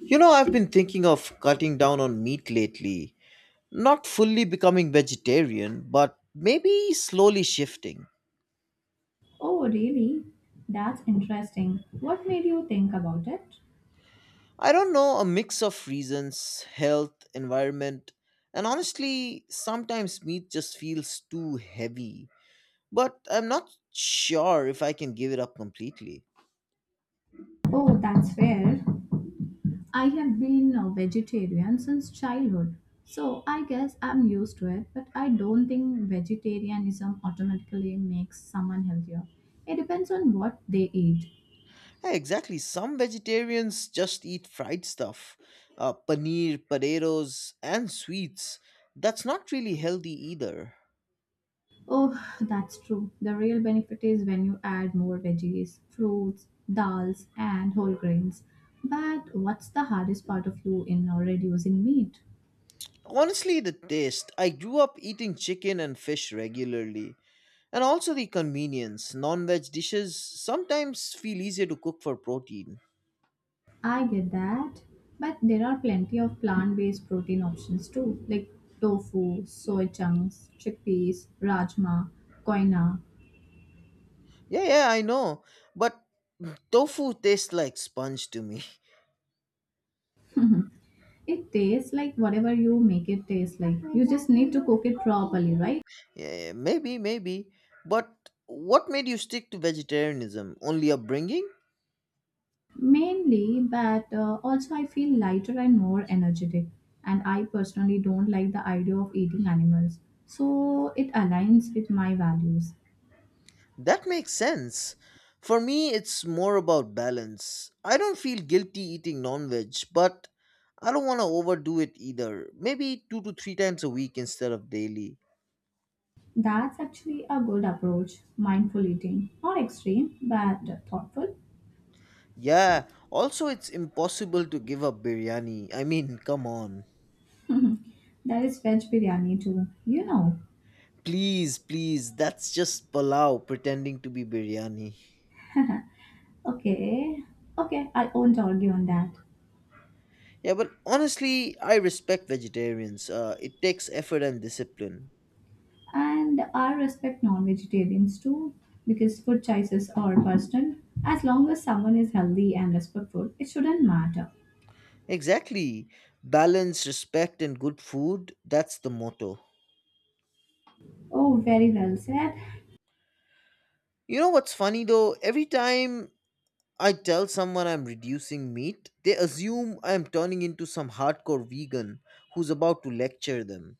You know, I've been thinking of cutting down on meat lately. Not fully becoming vegetarian, but maybe slowly shifting. Oh, really? That's interesting. What made you think about it? I don't know, a mix of reasons health, environment, and honestly, sometimes meat just feels too heavy. But I'm not sure if I can give it up completely. Oh, that's fair. I have been a vegetarian since childhood, so I guess I'm used to it, but I don't think vegetarianism automatically makes someone healthier. It depends on what they eat. Yeah, exactly, some vegetarians just eat fried stuff paneer, potatoes, and sweets. That's not really healthy either. Oh, that's true. The real benefit is when you add more veggies, fruits, dals, and whole grains. But what's the hardest part of you in reducing meat? Honestly, the taste. I grew up eating chicken and fish regularly. And also the convenience. Non veg dishes sometimes feel easier to cook for protein. I get that, but there are plenty of plant-based protein options too, like tofu, soy chunks, chickpeas, rajma, koina. Yeah, yeah, I know. But tofu tastes like sponge to me. It tastes like whatever you make it taste like. You just need to cook it properly, right? Yeah, yeah, maybe. But what made you stick to vegetarianism? Only upbringing? Mainly, but also I feel lighter and more energetic. And I personally don't like the idea of eating animals, so it aligns with my values. That makes sense. For me, it's more about balance. I don't feel guilty eating non veg, but I don't want to overdo it either. Maybe 2 to 3 times a week instead of daily. That's actually a good approach. Mindful eating. Not extreme, but thoughtful. Yeah, also, it's impossible to give up biryani. I mean, come on. There is veg biryani too, you know. Please, please, that's just palau pretending to be biryani. Okay, okay, I won't argue on that. Yeah, but honestly, I respect vegetarians. It takes effort and discipline. And I respect non vegetarians too, because food choices are personal. As long as someone is healthy and respectful, it shouldn't matter. Exactly. Balance, respect, and good food. That's the motto. Oh, very well said. You know what's funny though? Every time I tell someone I'm reducing meat, they assume I'm turning into some hardcore vegan who's about to lecture them.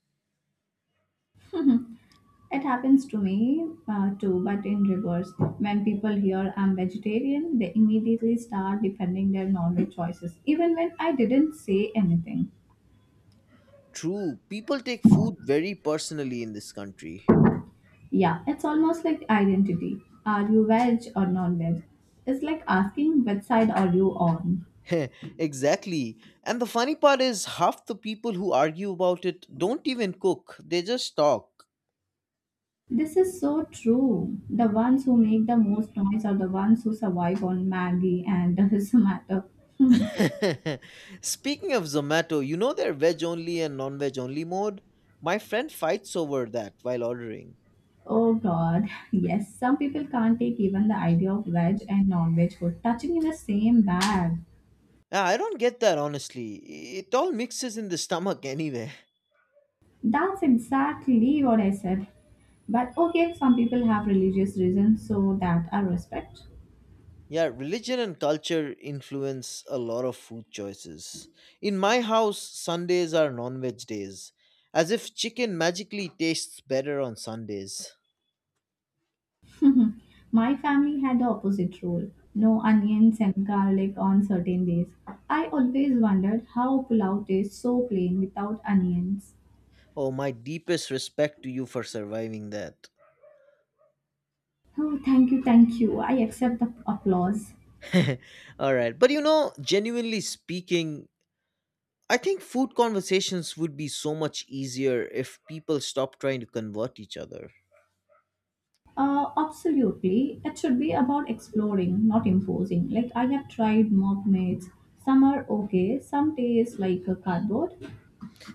It happens to me too, but in reverse. When people hear I'm vegetarian, they immediately start defending their non-veg choices, even when I didn't say anything. True, people take food very personally in this country. Yeah, it's almost like identity. Are you veg or non-veg? It's like asking which side are you on. Heh, exactly. And the funny part is, half the people who argue about it don't even cook, they just talk. This is so true. The ones who make the most noise are the ones who survive on Maggie and the Zomato. Speaking of Zomato, you know their veg only and non veg only mode? My friend fights over that while ordering. Oh god, yes, some people can't take even the idea of veg and non veg food touching in the same bag. Yeah, I don't get that honestly. It all mixes in the stomach anyway. That's exactly what I said. But okay, some people have religious reasons, so that I respect. Yeah, religion and culture influence a lot of food choices. In my house, Sundays are non veg days, as if chicken magically tastes better on Sundays. Mhm. My family had the opposite rule, no onions and garlic on certain days. I always wondered how pulao tastes so plain without onions. Oh, my deepest respect to you for surviving that. Oh, thank you, thank you. I accept the applause. All right. But you know, genuinely speaking, I think food conversations would be so much easier if people stopped trying to convert each other. Absolutely. It should be about exploring, not enforcing. Like I have tried mock meats. Some are okay, some taste like a cardboard.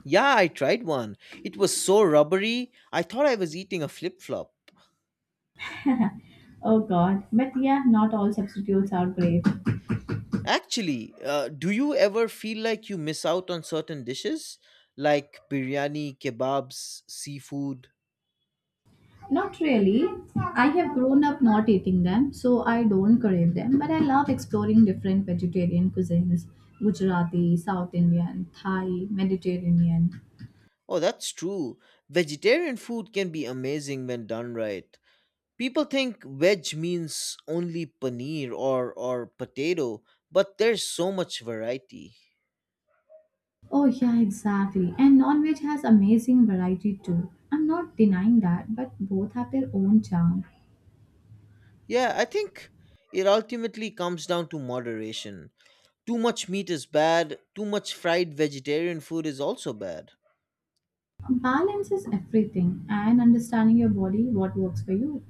Yeah, I tried one. It was so rubbery, I thought I was eating a flip flop. Oh god. But yeah, not all substitutes are great. Actually, do you ever feel like you miss out on certain dishes? Like biryani, kebabs, seafood? Not really. I have grown up not eating them, so I don't crave them. But I love exploring different vegetarian cuisines: Gujarati, South Indian, Thai, Mediterranean. Oh, that's true. Vegetarian food can be amazing when done right. People think veg means only paneer or potato, but there's so much variety. Oh, yeah, exactly. And non veg has amazing variety too. I'm not denying that, but both have their own charm. Yeah, I think it ultimately comes down to moderation. Too much meat is bad, too much fried vegetarian food is also bad. Balance is everything, and understanding your body, what works for you.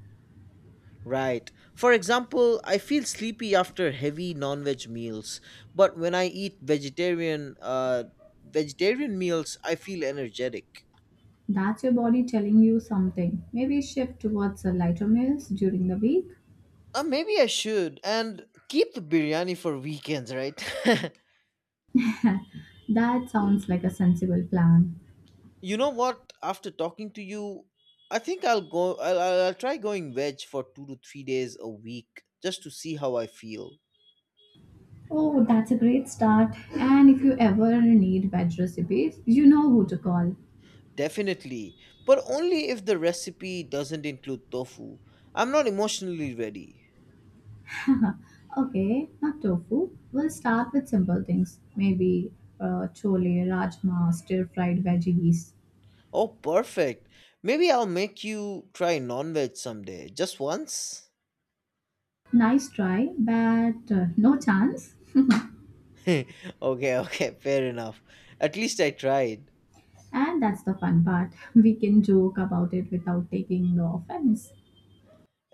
Right. For example, I feel sleepy after heavy non-veg meals, but when I eat vegetarian meals, I feel energetic. That's your body telling you something. Maybe shift towards the lighter meals during the week. Maybe I should and keep the biryani for weekends, right? That sounds like a sensible plan. You know what? After talking to you, I think I'll go. I'll try going veg for 2 to 3 days a week just to see how I feel. Oh, that's a great start. And if you ever need veg recipes, you know who to call. Definitely, but only if the recipe doesn't include tofu. I'm not emotionally ready. Huh. Okay, not tofu. We'll start with simple things. Maybe chole, rajma, stir-fried veggies. Oh, perfect. Maybe I'll make you try non veg someday. Just once? Nice try, but no chance. Okay, okay, fair enough. At least I tried. And that's the fun part. We can joke about it without taking the offense.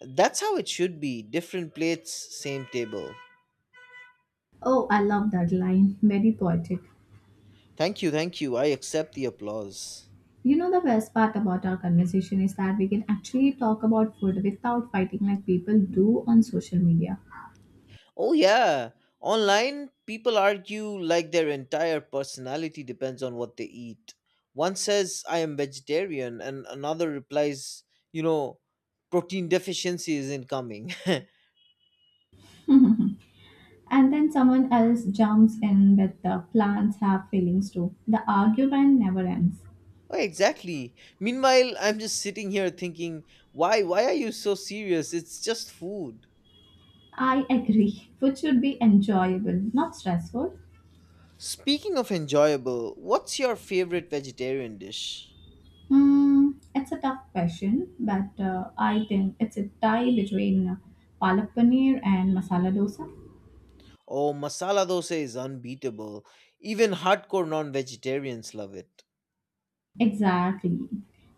That's how it should be. Different plates, same table. Oh, I love that line. Very poetic. Thank you, thank you. I accept the applause. You know, the best part about our conversation is that we can actually talk about food without fighting like people do on social media. Oh, yeah. Online, people argue like their entire personality depends on what they eat. One says, I am vegetarian, and another replies, you know, protein deficiency is incoming. Oh, And then someone else jumps in with the plants have feelings too. The argument never ends. exactly. Meanwhile, I'm just sitting here thinking, why are you so serious? It's just food. I agree. Food should be enjoyable, not stressful. Speaking of enjoyable, what's your favorite vegetarian dish? Hmm, it's a tough question, but I think it's a tie between palak paneer and masala dosa. Oh, masala dosa is unbeatable. Even hardcore non vegetarians love it. Exactly.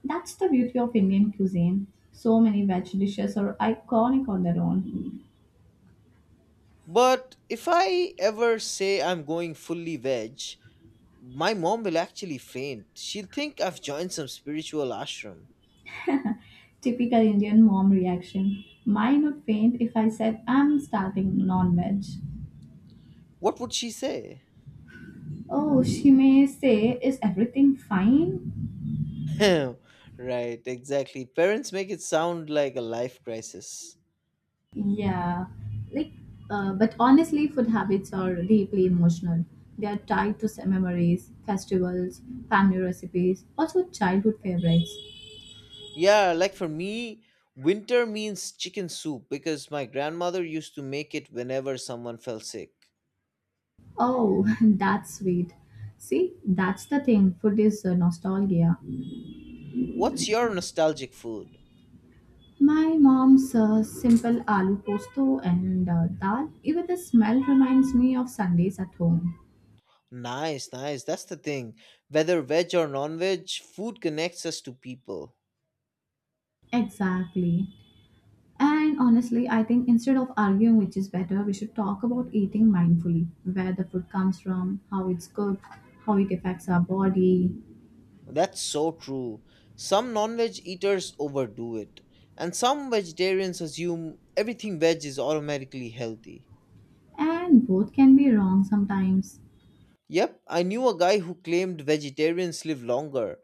That's the beauty of Indian cuisine. So many veg dishes are iconic on their own. But if I ever say I'm going fully veg, my mom will actually faint. She'll think I've joined some spiritual ashram. Typical Indian mom reaction. Mine would faint if I said I'm starting non veg. What would she say? Oh, she may say, is everything fine? Right, exactly. Parents make it sound like a life crisis. Yeah, like, but honestly, food habits are deeply emotional. They are tied to some memories, festivals, family recipes, also childhood favorites. Yeah, like for me, winter means chicken soup because my grandmother used to make it whenever someone fell sick. Oh, that's sweet. See, that's the thing. Food is nostalgia. What's your nostalgic food? My mom's simple aloo posto and dal. Even the smell reminds me of Sundays at home. Nice, nice. That's the thing. Whether veg or non veg, food connects us to people. Exactly. And honestly, I think instead of arguing which is better, we should talk about eating mindfully, where the food comes from, how it's cooked, how it affects our body. That's so true. Some non veg eaters overdo it, and some vegetarians assume everything veg is automatically healthy. And both can be wrong sometimes. Yep, I knew a guy who claimed vegetarians live longer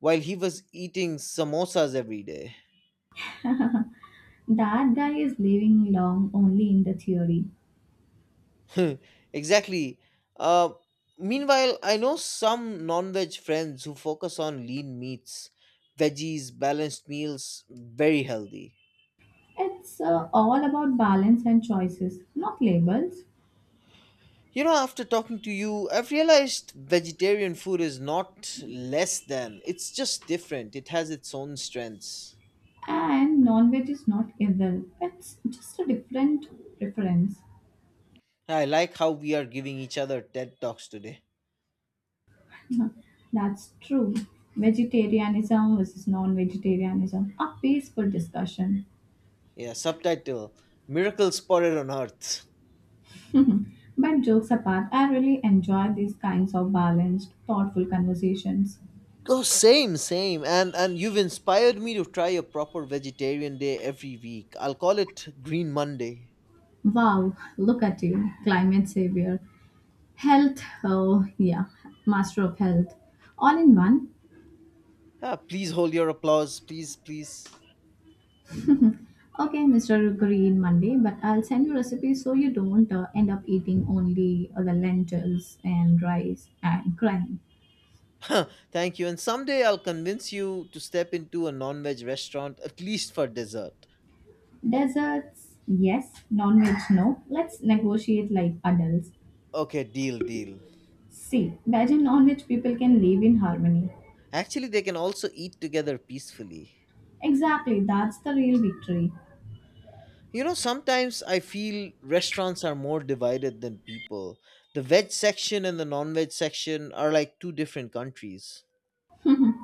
while he was eating samosas every day. That guy is living long only in the theory. Exactly. Uh, Meanwhile, I know some non veg friends who focus on lean meats, veggies, balanced meals, very healthy. It's all about balance and choices, not labels. You know, after talking to you, I've realized vegetarian food is not less than, it's just different. It has its own strengths. And non veg is not evil, it's just a different preference. I like how we are giving each other TED Talks today. That's true. Vegetarianism versus non vegetarianism, a peaceful discussion. Yeah, subtitle Miracles Spotted on Earth. But jokes apart, I really enjoy these kinds of balanced, thoughtful conversations. Oh, same, same. And you've inspired me to try a proper vegetarian day every week. I'll call it Green Monday. Wow, look at you, climate savior. Health, oh yeah, master of health. All in one. Ah, please hold your applause. Please, please. Okay, Mr. Green Monday, but I'll send you recipes so you don't end up eating only the lentils and rice and crying. Thank you. And someday I'll convince you to step into a non veg restaurant, at least for dessert. Deserts, yes. Non veg, no. Let's negotiate like adults. Okay, deal, deal. See, veg and non veg people can live in harmony. Actually, they can also eat together peacefully. Exactly, that's the real victory. You know, sometimes I feel restaurants are more divided than people. The veg section and the non veg section are like two different countries.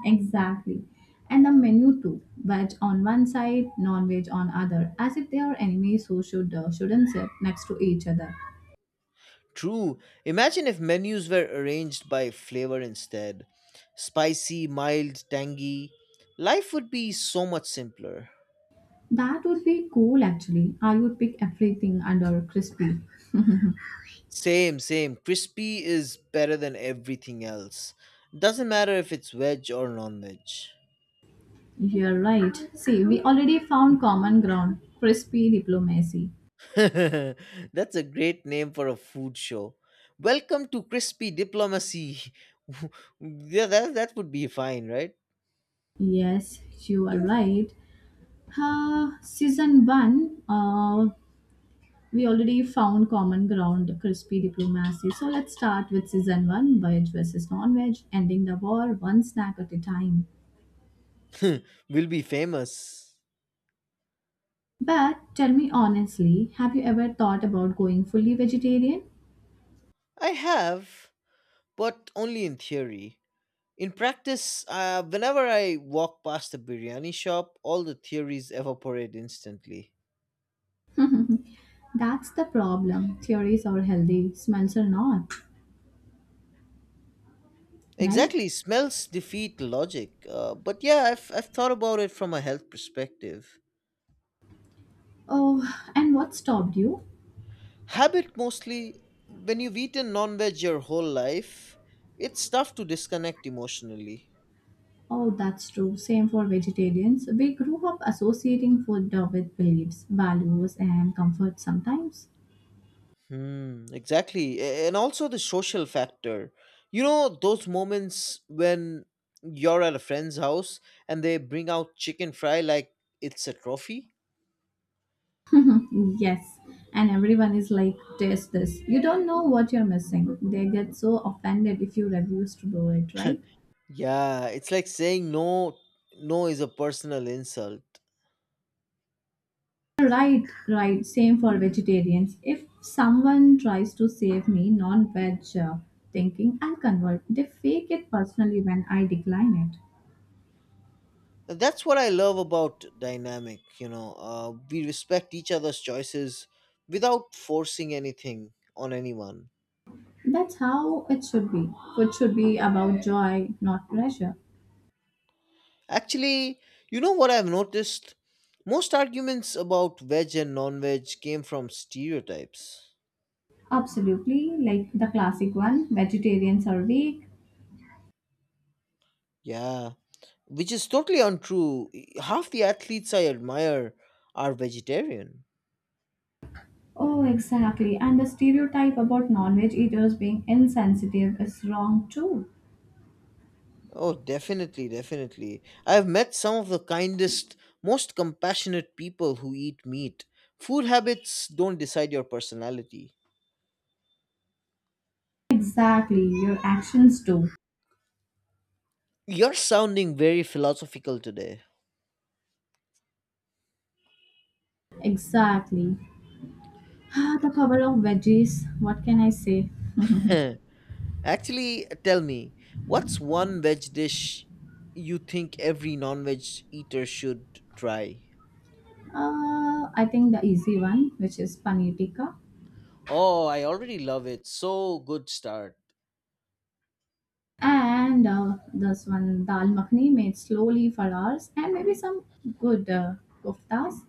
Exactly. And the menu too. Veg on one side, non veg on other. As if they are enemies who shouldn't sit next to each other. True. Imagine if menus were arranged by flavor instead spicy, mild, tangy. Life would be so much simpler. That would be cool actually. I would pick everything under crispy. Same, same. Crispy is better than everything else. Doesn't matter if it's veg or non veg. You're right. See, we already found common ground, crispy diplomacy. That's a great name for a food show. Welcome to Crispy Diplomacy. Yeah, that would be fine, right? Yes, you are right. Uh, season one, uh, we already found common ground, crispy diplomacy. So let's start with season one, veg versus non-veg, ending the war one snack at a time. We'll be famous. But tell me honestly, have you ever thought about going fully vegetarian? I have, but only in theory. In practice, whenever I walk past a biryani shop, all the theories evaporate instantly. That's the problem. Theories are healthy, smells are not, right? Exactly, smells defeat logic. But yeah, I've thought about it from a health perspective. Oh, and what stopped you? Habit mostly, when you've eaten non veg your whole life, it's tough to disconnect emotionally. Oh, that's true. Same for vegetarians. We grew up associating food with beliefs, values, and comfort sometimes. Hmm, exactly. And also the social factor. You know, those moments when you're at a friend's house and they bring out chicken fry like it's a trophy? Yes. And everyone is like, taste this. You don't know what you're missing. They get so offended if you refuse to do it, right? Yeah, it's like saying no, no is a personal insult. Right, right. Same for vegetarians. If someone tries to save me non veg thinking, I'll convert. They fake it personally when I decline it. That's what I love about dynamic, we respect each other's choices without forcing anything on anyone. That's how it should be. Food should be about joy, not pressure. Actually, you know what I've noticed, most arguments about veg and non-veg came from stereotypes. Absolutely. Like the classic one, vegetarians are weak. Yeah, which is totally untrue. Half the athletes I admire are vegetarian. Oh, exactly. And the stereotype about non veg eaters being insensitive is wrong too. Oh, definitely, definitely. I have met some of the kindest, most compassionate people who eat meat. Food habits don't decide your personality. Exactly. Your actions do. You're sounding very philosophical today. Exactly. Ah, the power of veggies. What can I say? uh, Actually, tell me, what's one veg dish you think every non veg eater should try? I think the easy one, which is paneer tikka, Oh, I already love it. So good start. and this one dal makhni made slowly for hours, and maybe some good koftas.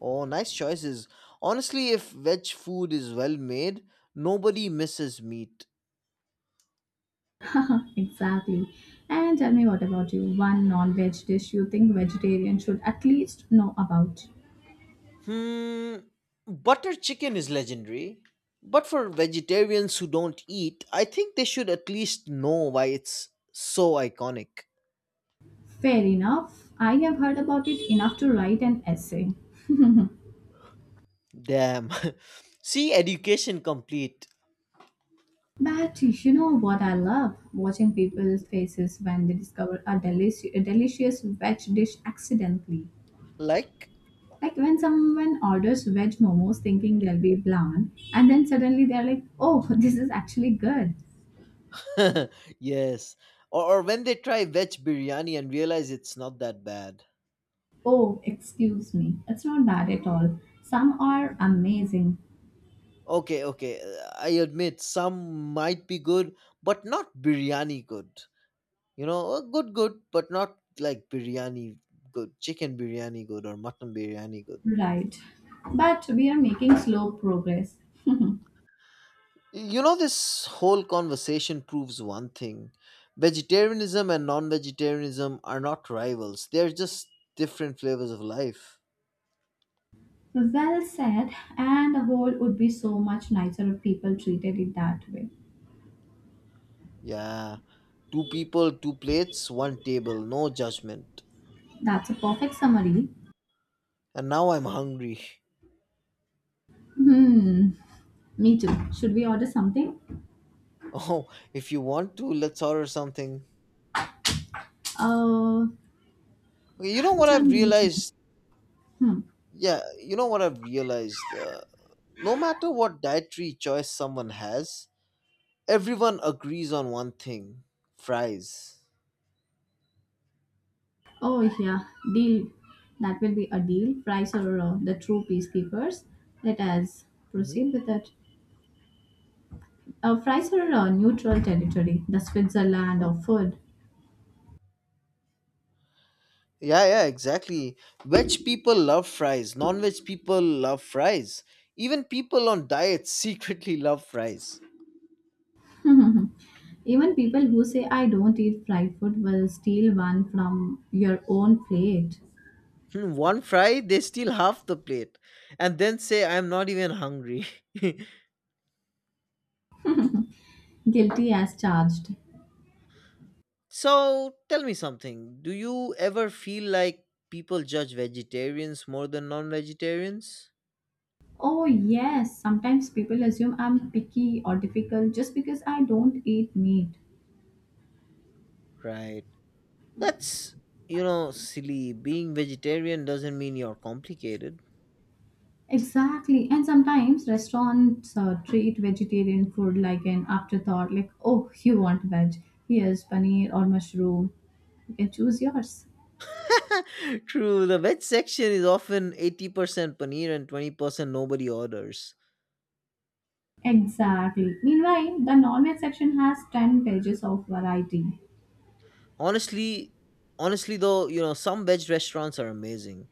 Oh, nice choices. Honestly, if veg food is well made, nobody misses meat. Exactly. And tell me what about you? One non-veg dish you think vegetarians should at least know about? Hmm, butter chicken is legendary. But for vegetarians who don't eat, I think they should at least know why it's so iconic. Fair enough. I have heard about it enough to write an essay. Damn. See, education complete. But you know what I love? Watching people's faces when they discover a delicious veg dish accidentally. Like? Like when someone orders veg momos thinking they'll be bland, and then suddenly they're like, oh, this is actually good. Yes. Or when they try veg biryani and realize it's not that bad. Oh, excuse me. It's not bad at all. Some are amazing. Okay, okay. I admit some might be good, but not biryani good. You know, good, good, but not like biryani good, chicken biryani good, or mutton biryani good. Right. But we are making slow progress. You know, this whole conversation proves one thing vegetarianism and non vegetarianism are not rivals, they're just different flavors of life. Well said. And the world would be so much nicer if people treated it that way. Yeah, two people, two plates, one table, no judgment. That's a perfect summary. And now I'm hungry. Hmm. Me too. Should we order something? Oh, if you want to, let's order something. Uh, Okay, You know what Tell I've me which one. realized Hmm. Yeah, you know what I've realized? No matter what dietary choice someone has, everyone agrees on one thing fries. Oh yeah, deal. That will be a deal. Price or the true peacekeepers. Let us proceed Hmm. with it. Fries are a neutral territory, the Switzerland of food. Yeah, yeah, exactly. Veg people love fries, non veg people love fries. Even people on diets secretly love fries. Even people who say I don't eat fried food will steal one from your own plate. Hmm, one fry, they steal half the plate and then say, I'm not even hungry. Guilty as charged. So tell me something. Do you ever feel like people judge vegetarians more than non vegetarians? Oh, yes, sometimes people assume I'm picky or difficult just because I don't eat meat. Right. That's silly. Being vegetarian doesn't mean you're complicated. Exactly, and sometimes restaurants treat vegetarian food like an afterthought, like, oh, you want veg, here's paneer or mushroom. You can choose yours. True, the veg section is often 80% paneer and 20% nobody orders. Exactly. Meanwhile, the non-veg section has 10 pages of variety. Honestly, honestly though, some veg restaurants are amazing.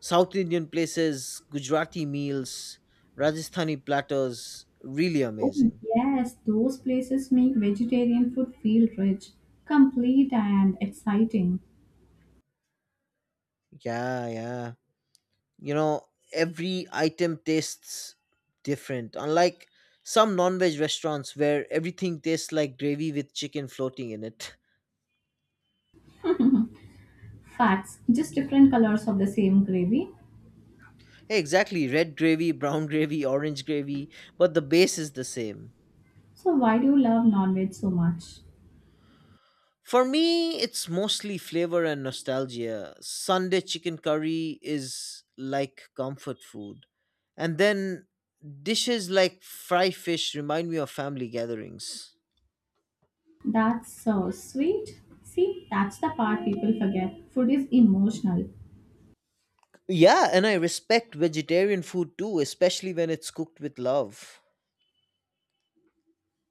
South Indian places, Gujarati meals, Rajasthani platters, really Oh, amazing. yes, those places make vegetarian food feel rich, complete, and exciting. Yeah, yeah. you know every item tastes different, unlike some non-veg restaurants where everything tastes like gravy with chicken floating in it. Facts, just different colors of the same gravy. Hey, exactly, red gravy, brown gravy, orange gravy, but the base is the same. So, why do you love non-veg so much? For me, it's mostly flavor and nostalgia. Sunday chicken curry is like comfort food, and then dishes like fry fish remind me of family gatherings. That's so sweet. See, that's the part people forget. Food is emotional. Yeah, and I respect vegetarian food too, especially when it's cooked with love.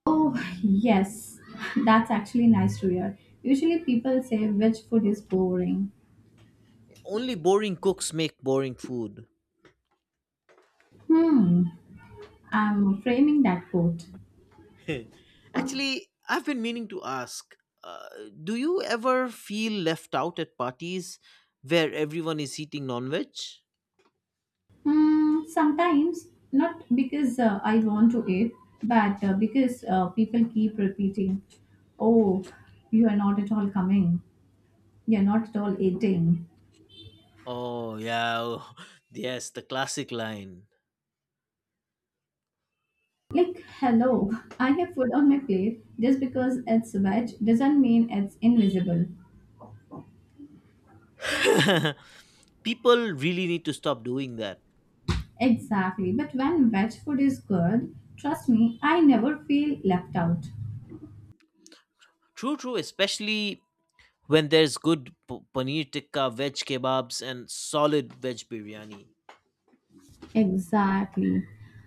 Oh, yes, that's actually nice to hear. Usually, people say veg food is boring. Only boring cooks make boring food. Hmm. I'm framing that quote. Actually, I've been meaning to ask, uh, do you ever feel left out at parties where everyone is eating non veg? Hmm, sometimes, not because I want to it, but because people keep repeating, oh, you are not at all coming. You're not at all eating. Oh, yeah. Oh, yes, the classic line. Like, hello, I have food on my plate. Just because it's veg doesn't mean it's invisible. People really need to stop doing that. Exactly. But when veg food is good, trust me, I never feel left out. True, true, especially when there's good paneer tikka, veg kebabs, and solid veg biryani. Exactly.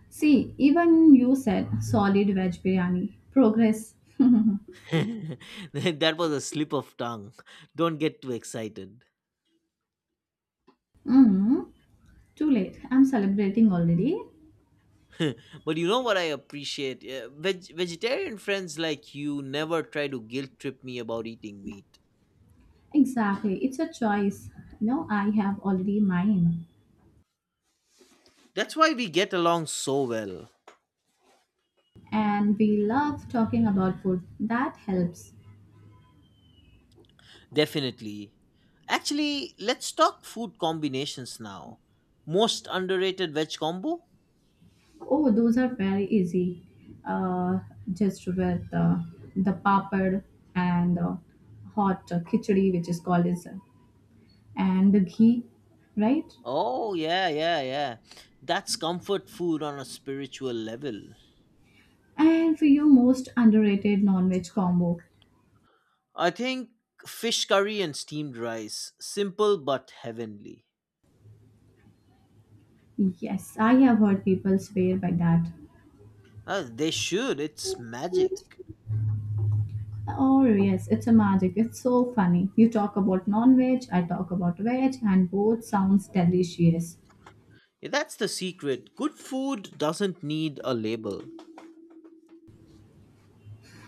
See, even you said solid veg biryani. Progress. That was a slip of tongue. Don't get too excited. Mm, too late. I'm celebrating already. But you know what I appreciate? Vegetarian friends like you never try to guilt trip me about eating meat. Exactly. It's a choice. No, I have already mine. That's why we get along so well. And we love talking about food. That helps. Definitely. Actually, let's talk food combinations now. Most underrated veg combo? Oh, those are very easy. Uh, just with the papad and hot khichdi, which is called is, and the ghee, right? Oh, yeah, yeah, yeah. That's comfort food on a spiritual level. And for your most underrated non-veg combo, I think fish curry and steamed rice. Simple but heavenly. yes, I have heard people swear by that. They should. It's And, magic. oh yes, it's a magic. It's so funny. You talk about non-veg, I talk about veg, and both sounds delicious. Yeah, that's the secret. Good food doesn't need a label.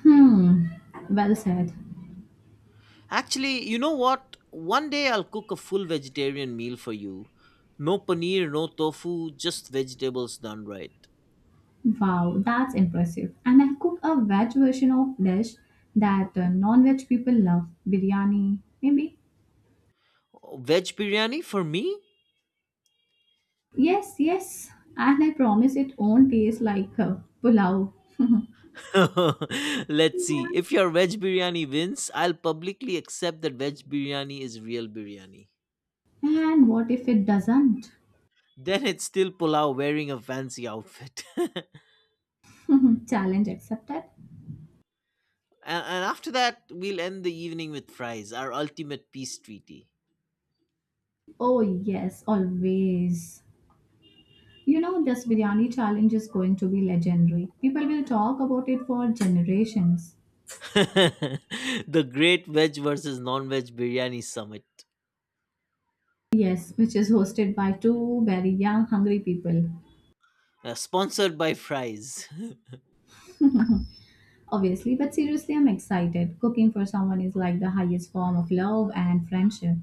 Hmm. Well said. Actually, you know what? One day I'll cook a full vegetarian meal for you. No paneer, no tofu, just vegetables done right. Wow, that's impressive. And I cook a veg version of dish that non-veg people love, biryani, maybe. Veg biryani for me? Yes, yes. And I promise it won't taste like pulao. Let's see. If your veg biryani wins, I'll publicly accept that veg biryani is real biryani. And what if it doesn't? Then it's still pulao wearing a fancy outfit. Challenge accepted? And after that, we'll end the evening with fries, our ultimate peace treaty. Oh, yes, always. You know, this biryani challenge is going to be legendary. People will talk about it for generations. The Great Veg versus Non Veg Biryani Summit, Yes, which is hosted by two very young, hungry people. Sponsored by Fries. Obviously, but seriously, I'm excited. Cooking for someone is like the highest form of love and friendship.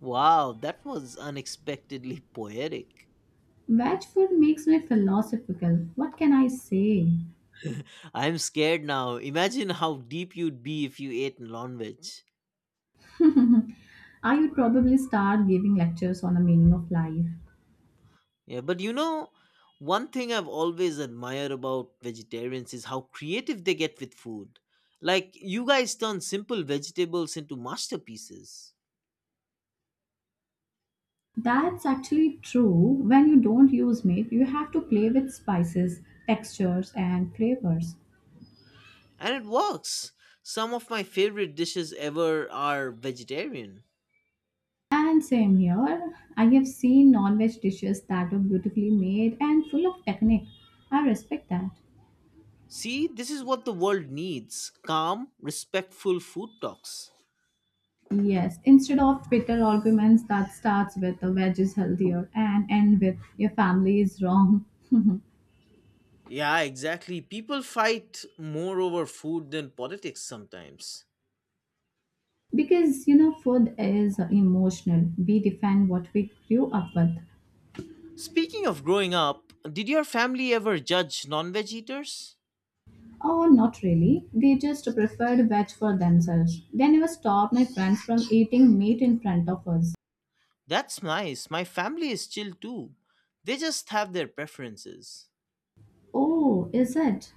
Wow, that was unexpectedly poetic. Veg food makes me philosophical. What can I say? I'm scared now. Imagine how deep you'd be if you ate non veg. I would probably start giving lectures on the meaning of life. Yeah, but one thing I've always admired about vegetarians is how creative they get with food. Like, you guys turn simple vegetables into masterpieces. That's actually true. When you don't use meat, you have to play with spices, textures, and flavors. And it works. Some of my favorite dishes ever are vegetarian. And same here, I have seen non veg dishes that are beautifully made and full of technique. I respect that. See, this is what the world needs, calm, respectful food talks. Yes, instead of bitter arguments that starts with the veg is healthier and end with your family is wrong. Yeah, exactly. People fight more over food than politics sometimes. Because you know, food is emotional. We defend what we grew up with. Speaking of growing up, did your family ever judge non veg eaters? Oh, not really. They just preferred veg for themselves. They never stopped my friends from eating meat in front of us. That's nice. My family is chill too. They just have their preferences. Oh, is it?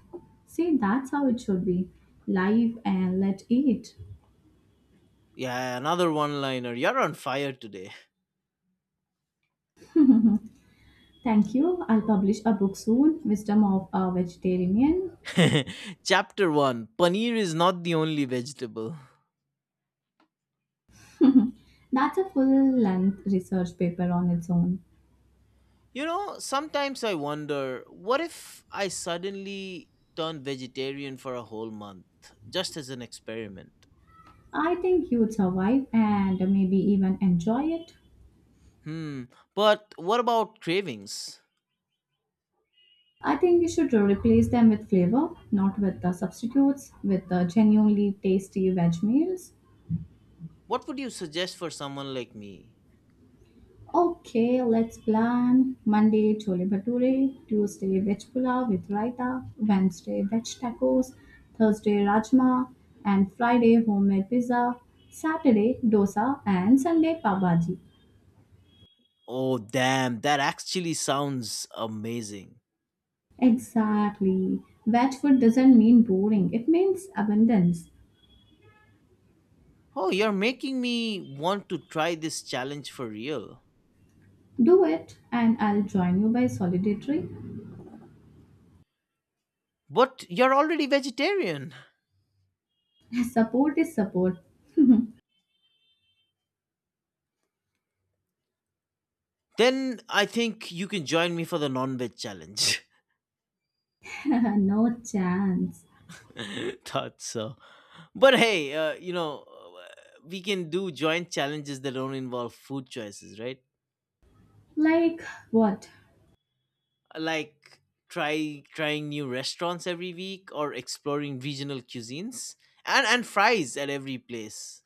See, that's how it should be. Live and let eat. Yeah, another one liner. You're on fire today. Thank you. I'll publish a book soon, Wisdom of a Vegetarian. Chapter 1, paneer is not the only vegetable. That's a full length research paper on its own. You know, sometimes I wonder what if I suddenly turn vegetarian for a whole month, just as an experiment? I think you'd survive and maybe even enjoy it. Hmm, but what about cravings? I think you should replace them with flavor, not with the substitutes, with the genuinely tasty veg meals. What would you suggest for someone like me? Okay, let's plan Monday chole bhature, Tuesday veg pulao with raita, Wednesday veg tacos, Thursday rajma, and Friday homemade pizza, Saturday dosa, and Sunday pav bhaji. Oh, damn, that actually sounds amazing. Exactly. Veg food doesn't mean boring, it means abundance. Oh, you're making me want to try this challenge for real. Do it, and I'll join you by solidarity. But you're already vegetarian. Support is support. Then I think you can join me for the non veg challenge. No chance. Thought so. But hey, we can do joint challenges that don't involve food choices, right? Like what? Like trying new restaurants every week or exploring regional cuisines and fries at every place.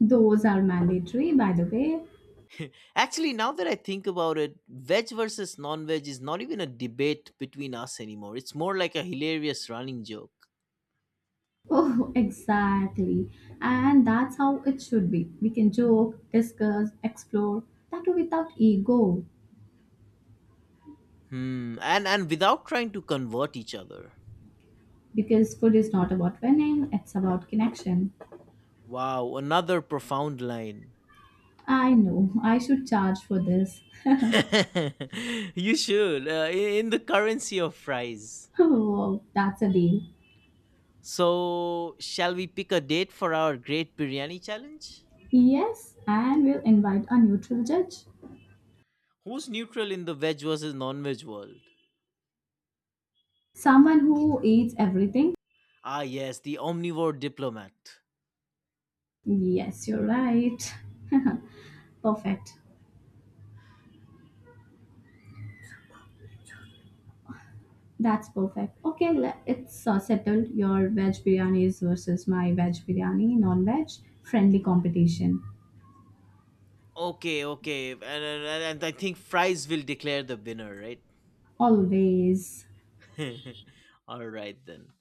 Those are mandatory, by the way. Actually, now that I think about it, veg versus non-veg is not even a debate between us anymore. It's more like a hilarious running joke. Oh, exactly. And that's how it should be. We can joke, discuss, explore, that too without ego. Hmm. And without trying to convert each other. Because food is not about winning, it's about connection. Wow, another profound line. I know, I should charge for this. You should, in the currency of fries. Oh, that's a deal. So, shall we pick a date for our great biryani challenge? Yes, and we'll invite a neutral judge. Who's neutral in the veg versus non-veg world? Someone who eats everything. Ah, yes, the omnivore diplomat. Yes, you're right. Perfect. That's perfect. Okay, it's settled. Your veg biryani is versus my veg biryani, non veg, friendly competition. Okay, okay, and I think fries will declare the winner, right? Always. All right then.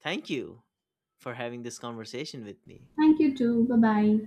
Thank you for having this conversation with me. Thank you too. Bye bye.